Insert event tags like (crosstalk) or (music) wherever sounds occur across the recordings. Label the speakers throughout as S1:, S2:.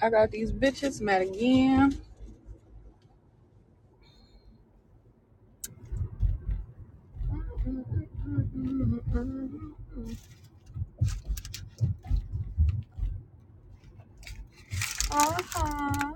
S1: I got these bitches mad again. Uh-huh.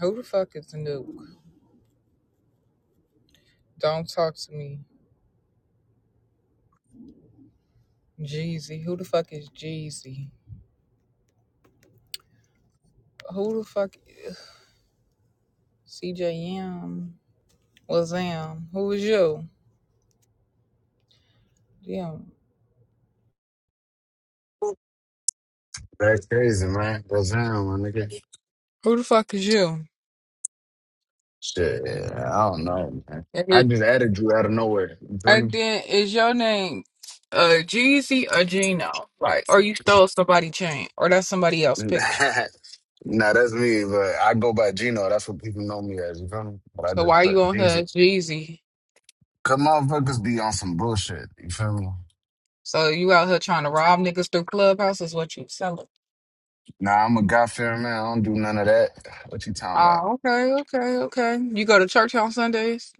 S1: Who the fuck is the nuke? Don't talk to me. Jeezy. Who the fuck is Jeezy? Who the fuck is CJM? Wazam. Who is you? Damn.
S2: That's crazy, man. That's down, my nigga.
S1: Who the fuck is you?
S2: Shit, I don't know, man.
S1: And,
S2: I
S1: it-
S2: just added you out of nowhere. You feel
S1: and
S2: me?
S1: then is your name uh Jeezy or Gino? Like, or you stole somebody chain, or that's somebody
S2: (laughs)
S1: else's picture.
S2: nah, that's me, but I go by Gino. That's what people know me as. You feel me? But I
S1: So
S2: just
S1: why you
S2: put
S1: on her
S2: Jeezy.
S1: as Jeezy
S2: Cause motherfuckers be on some bullshit. You feel me?
S1: So you out here trying to rob niggas through clubhouse is what you selling.
S2: Nah, I'm a God-fearing man. I don't do none of that. What you talking about?
S1: Oh, okay, okay, okay. You go to church on Sundays,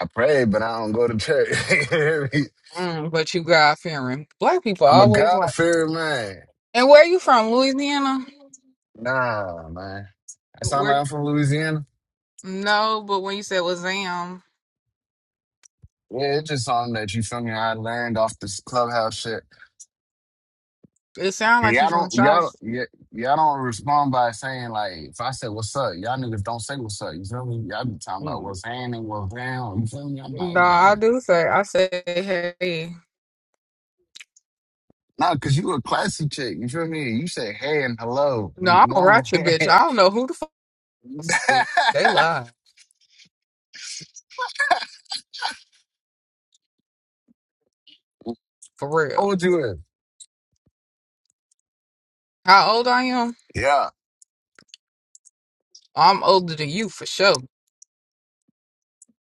S2: I pray, but I don't go to church. (laughs) You hear me?
S1: mm, but you God fearing. Black people
S2: I'm a
S1: always like.
S2: God-fearing man.
S1: And where you from, Louisiana?
S2: Nah, man. I sound
S1: Where?
S2: like I'm from Louisiana.
S1: No, but when you said Wazam,
S2: Yeah, it's just something that you feel me. I learned off this clubhouse shit.
S1: it sound like you
S2: Y'all
S1: from
S2: don't,
S1: Charlotte.
S2: y'all, y- y'all don't respond by saying like, if I say what's up, y'all niggas don't say what's up. You feel me? Y'all be talking about
S1: Mm.
S2: what's happening, and what's down. You feel me? I'm
S1: No,
S2: like,
S1: I
S2: damn.
S1: do say I say hey.
S2: Nah, cause you a classy chick. You feel me? You say hey and hello.
S1: No,
S2: You
S1: I'm
S2: know
S1: a
S2: what
S1: ratchet
S2: I'm
S1: bitch.
S2: saying?
S1: I don't know who the fuck see. They lie for
S2: (laughs) How
S1: real.
S2: old you is?
S1: How old I am?
S2: Yeah.
S1: I'm older than you for sure.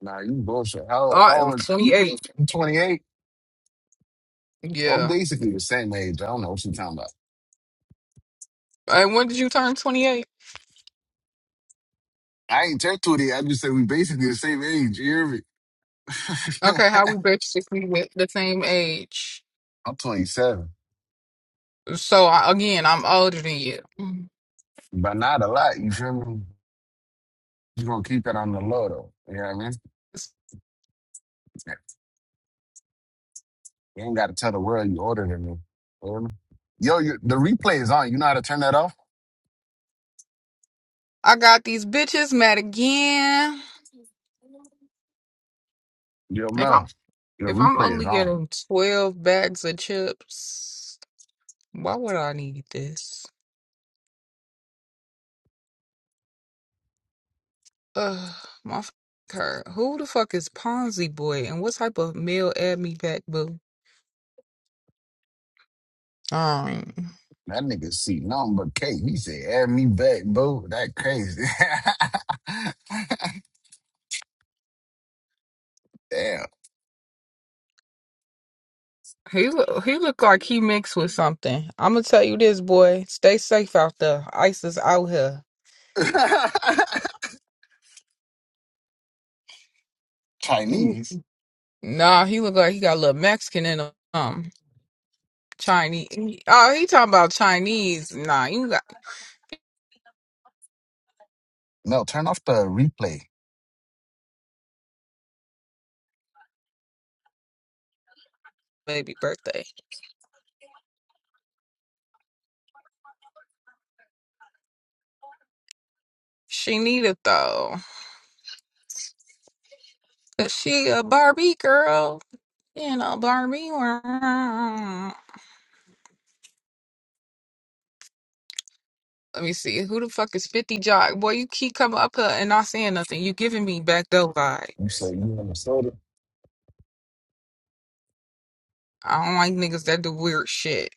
S2: Nah, you bullshit. How
S1: I
S2: how
S1: am
S2: old?
S1: 28.
S2: You 28? Oh,
S1: Yeah.
S2: basically the same age. I don't know what you talking about.
S1: And when did you turn 28?
S2: I ain't turned 20. I just say we basically the same age. You hear me? (laughs)
S1: Okay, how we basically with the same age.
S2: I'm 27,
S1: So I, again, I'm older than you. Mhm.
S2: but not a lot. You feel me? You gonna keep that on the low though. You know what I mean? You ain't gotta tell the world you older than me. Feel me? Yo, you, the replay is on. You know how to turn that off?
S1: I got these bitches mad again.
S2: Yo,
S1: If I'm
S2: Mel, your
S1: if I'm
S2: replay is
S1: only
S2: on.
S1: getting 12 bags of chips, why would I need this? Ugh, my f- her. Who the fuck is Ponzi boy and what type of meal add me back boo? Um,
S2: That nigga see nothing but cake. He said, "Add me back, boo." That crazy. (laughs) Damn.
S1: he look, he look like he mixed with something. I'm gonna tell you this, boy. Stay safe out there. ICE is out here.
S2: (laughs)
S1: You-
S2: Chinese.
S1: Nah, he look like he got a little Mexican in him. Um, Chinese. Oh, he talking about Chinese. Nah, you got
S2: No, turn off the replay.
S1: baby birthday. She need it though, cause she a Barbie girl. You know, Barbie. world. Let me see. Who the fuck is Fifty Jock? Boy, you keep coming up here and not saying nothing. You giving me back door
S2: You say you
S1: vibes.
S2: in Minnesota?
S1: I don't like niggas that do weird shit.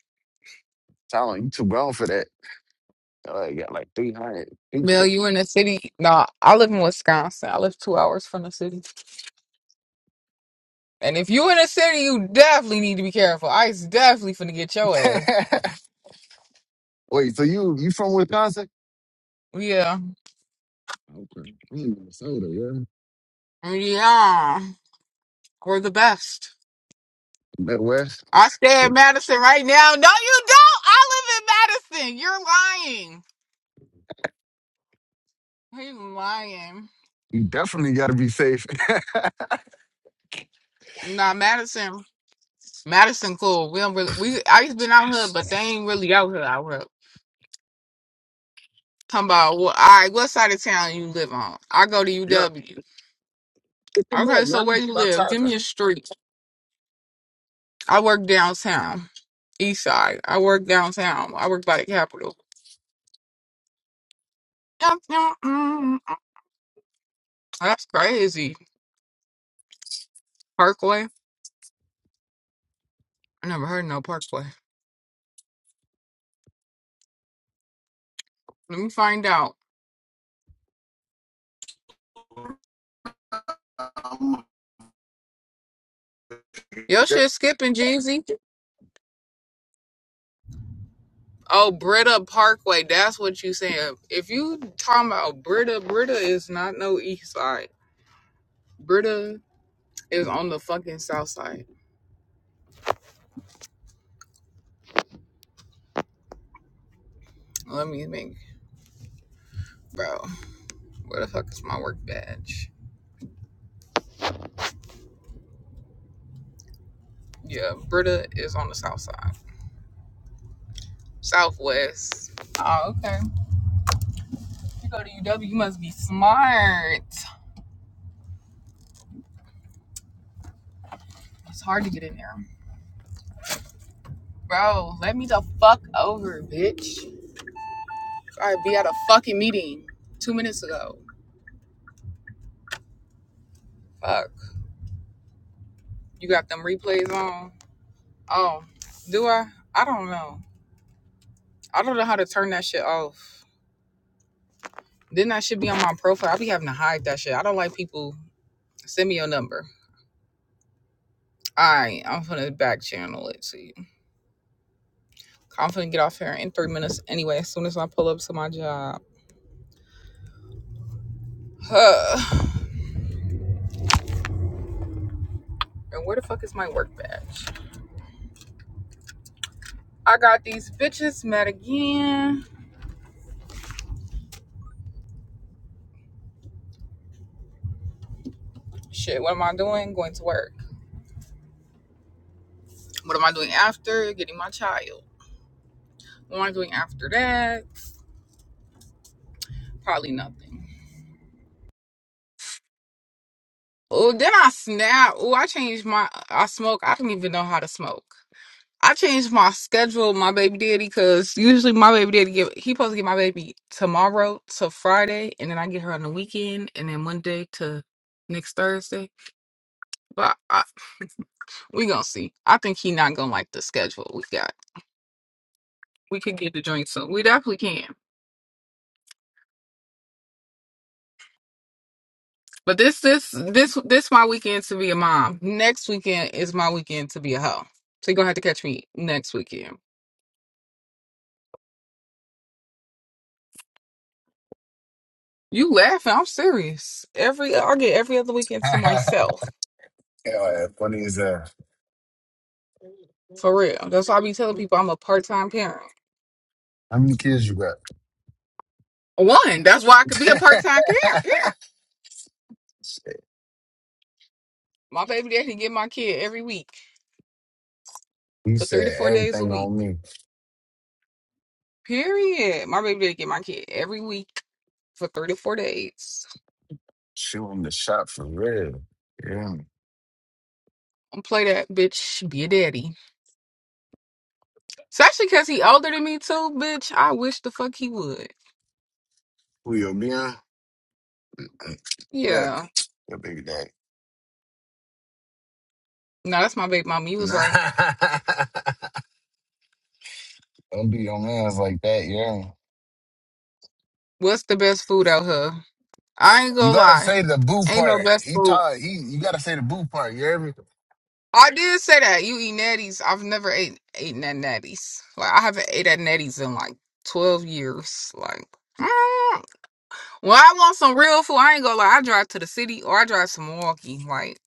S2: Tell him you too grown for that. Uh, you got like 300,
S1: Mel, you in the city? Nah, I live in Wisconsin. I live two hours from the city. And if you in a city, you definitely need to be careful. Ice definitely finna get your ass.
S2: (laughs) Wait, so you you from Wisconsin?
S1: Yeah.
S2: Okay. I'm in Minnesota, yeah.
S1: Yeah. We're the best.
S2: Midwest.
S1: I stay in
S2: Shit.
S1: Madison right now. No, you don't. I live in Madison. You're lying. He's lying.
S2: You definitely got to be safe. (laughs)
S1: Nah, Madison. Madison cool. We don't really we Ice been out here, but they ain't really out here out here. Talking about well, all right, what side of town you live on? I go to
S2: Yeah.
S1: UW.
S2: Pick him up,
S1: Okay, so where
S2: man.
S1: you
S2: Stop
S1: live? Give
S2: typing.
S1: me a street. I work downtown, east side. I work downtown. I work by the Capitol. That's crazy. Parkway? I never heard no Parkway. Let me find out.
S2: Um,
S1: Your
S2: yeah,
S1: shit skipping, Jeezy. Oh, Britta Parkway. That's what you saying. If you talking about Britta, Britta is not no east side. Britta is on the fucking south side. Let me think. Bro, where the fuck is my work badge? Yeah, Britta is on the south side. Southwest. Oh, okay. You go to UW, you must be smart. It's hard to get in there. Bro, let me the fuck over, bitch. I be at a fucking meeting two minutes ago. Fuck. You got them replays on? Oh, do I? I don't know. I don't know how to turn that shit off. Then that should be on my profile. I be having to hide that shit. I don't like people. Send me your number. Alright, I'm finna back channel it to you. I'm finna get off here in three minutes anyway, as soon as I pull up to my job. (sighs) Huh. And where the fuck is my work badge? I got these bitches mad again. Shit, what am I doing? Going to work. What am I doing after? Getting my child. What am I doing after that? Probably nothing. Oh, then I snap. Oh, I changed my. I smoke. I don't even know how to smoke. I changed my schedule, with my baby daddy, because usually my baby daddy give he supposed to get my baby tomorrow to Friday, and then I get her on the weekend, and then Monday to next Thursday. But I, we gonna see. I think he not gonna like the schedule we got. we could get to drink soon. We definitely can. But this this this this my weekend to be a mom. Next weekend is my weekend to be a hoe. So you're gonna have to catch me next weekend. You laughing? I'm serious. Every I get every other weekend to
S2: (laughs)
S1: myself
S2: yeah, funny as uh,
S1: for real. That's why I be telling people I'm a part time parent.
S2: how many kids you got?
S1: One, that's why I could be a part time parent. Parent.
S2: (laughs)
S1: My baby daddy get my kid every week
S2: he
S1: for three to
S2: said
S1: four days a
S2: everything
S1: week.
S2: on me.
S1: Period. My baby daddy get my kid every week for three to four days.
S2: Shooting the shot for real. Yeah.
S1: Don't play that bitch. Be a daddy. Especially because he older than me too, bitch. I wish the fuck he would.
S2: Who you being? (laughs) Yeah,
S1: Yeah.
S2: your baby daddy. (laughs)
S1: No, that's my baby mama. You was
S2: Nah.
S1: right.
S2: (laughs) Don't do your mans like that, yeah.
S1: What's the best food out here? I ain't
S2: You
S1: gonna
S2: gotta
S1: lie.
S2: say the boo
S1: Ain't no
S2: part.
S1: best
S2: He
S1: food.
S2: taught he you gotta say the boo part. You hear me?
S1: I did say that. You eat natties. I've never ate eaten at natties. Like I haven't ate at natties in like twelve years. Like mm. when I want some real food, I ain't gonna lie. I drive to the city or I drive to Milwaukee. Like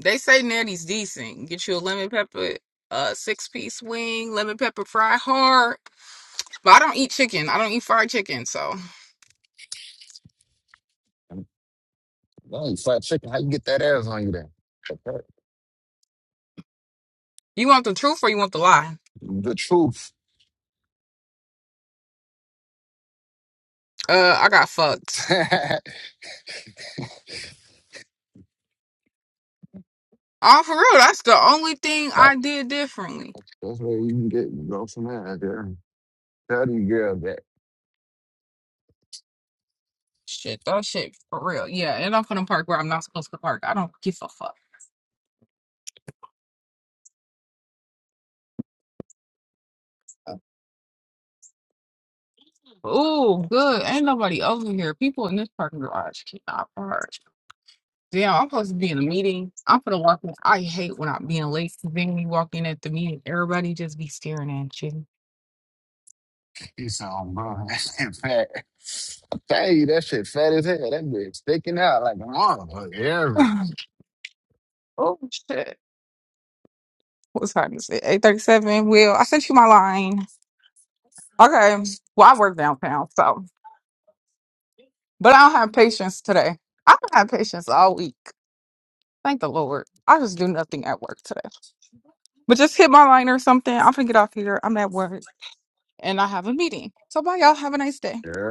S1: they say natties decent. Get you a lemon pepper, uh six piece wing, lemon pepper fried hard. But I don't eat chicken. I don't eat fried chicken. So
S2: Oh, you fat chicken. How you get that ass on you then?
S1: you want the truth or you want the lie?
S2: The truth.
S1: Uh, I got fucked.
S2: (laughs) that,
S1: Oh, for real. That's the only thing
S2: that's
S1: I did differently.
S2: where you can get you go from there. There. Tell these girls that
S1: Shit, that shit for real. Yeah, and I'm gonna park where I'm not supposed to park. I don't give a fuck. Oh, good. Ain't nobody over here. People in this parking garage cannot park. Damn, I'm supposed to be in a meeting. I'm gonna walk in. I hate when I'm being late. 'cause Then we walk in at the meeting, everybody just be staring at you.
S2: you sound bro. (laughs) That shit fat. I tell you that shit fat as hell. That bitch sticking out like a motherfucker. You hear
S1: (laughs) oh shit. What time is it? Eight thirty-seven. Well, I sent you my line. Okay. Well, I work downtown, so but I don't have patience today. I don't have patience all week. Thank the Lord. I just do nothing at work today. But just hit my line or something. I'm gonna get off here. I'm at work and I have a meeting. So bye, y'all. Have a nice day.
S2: me?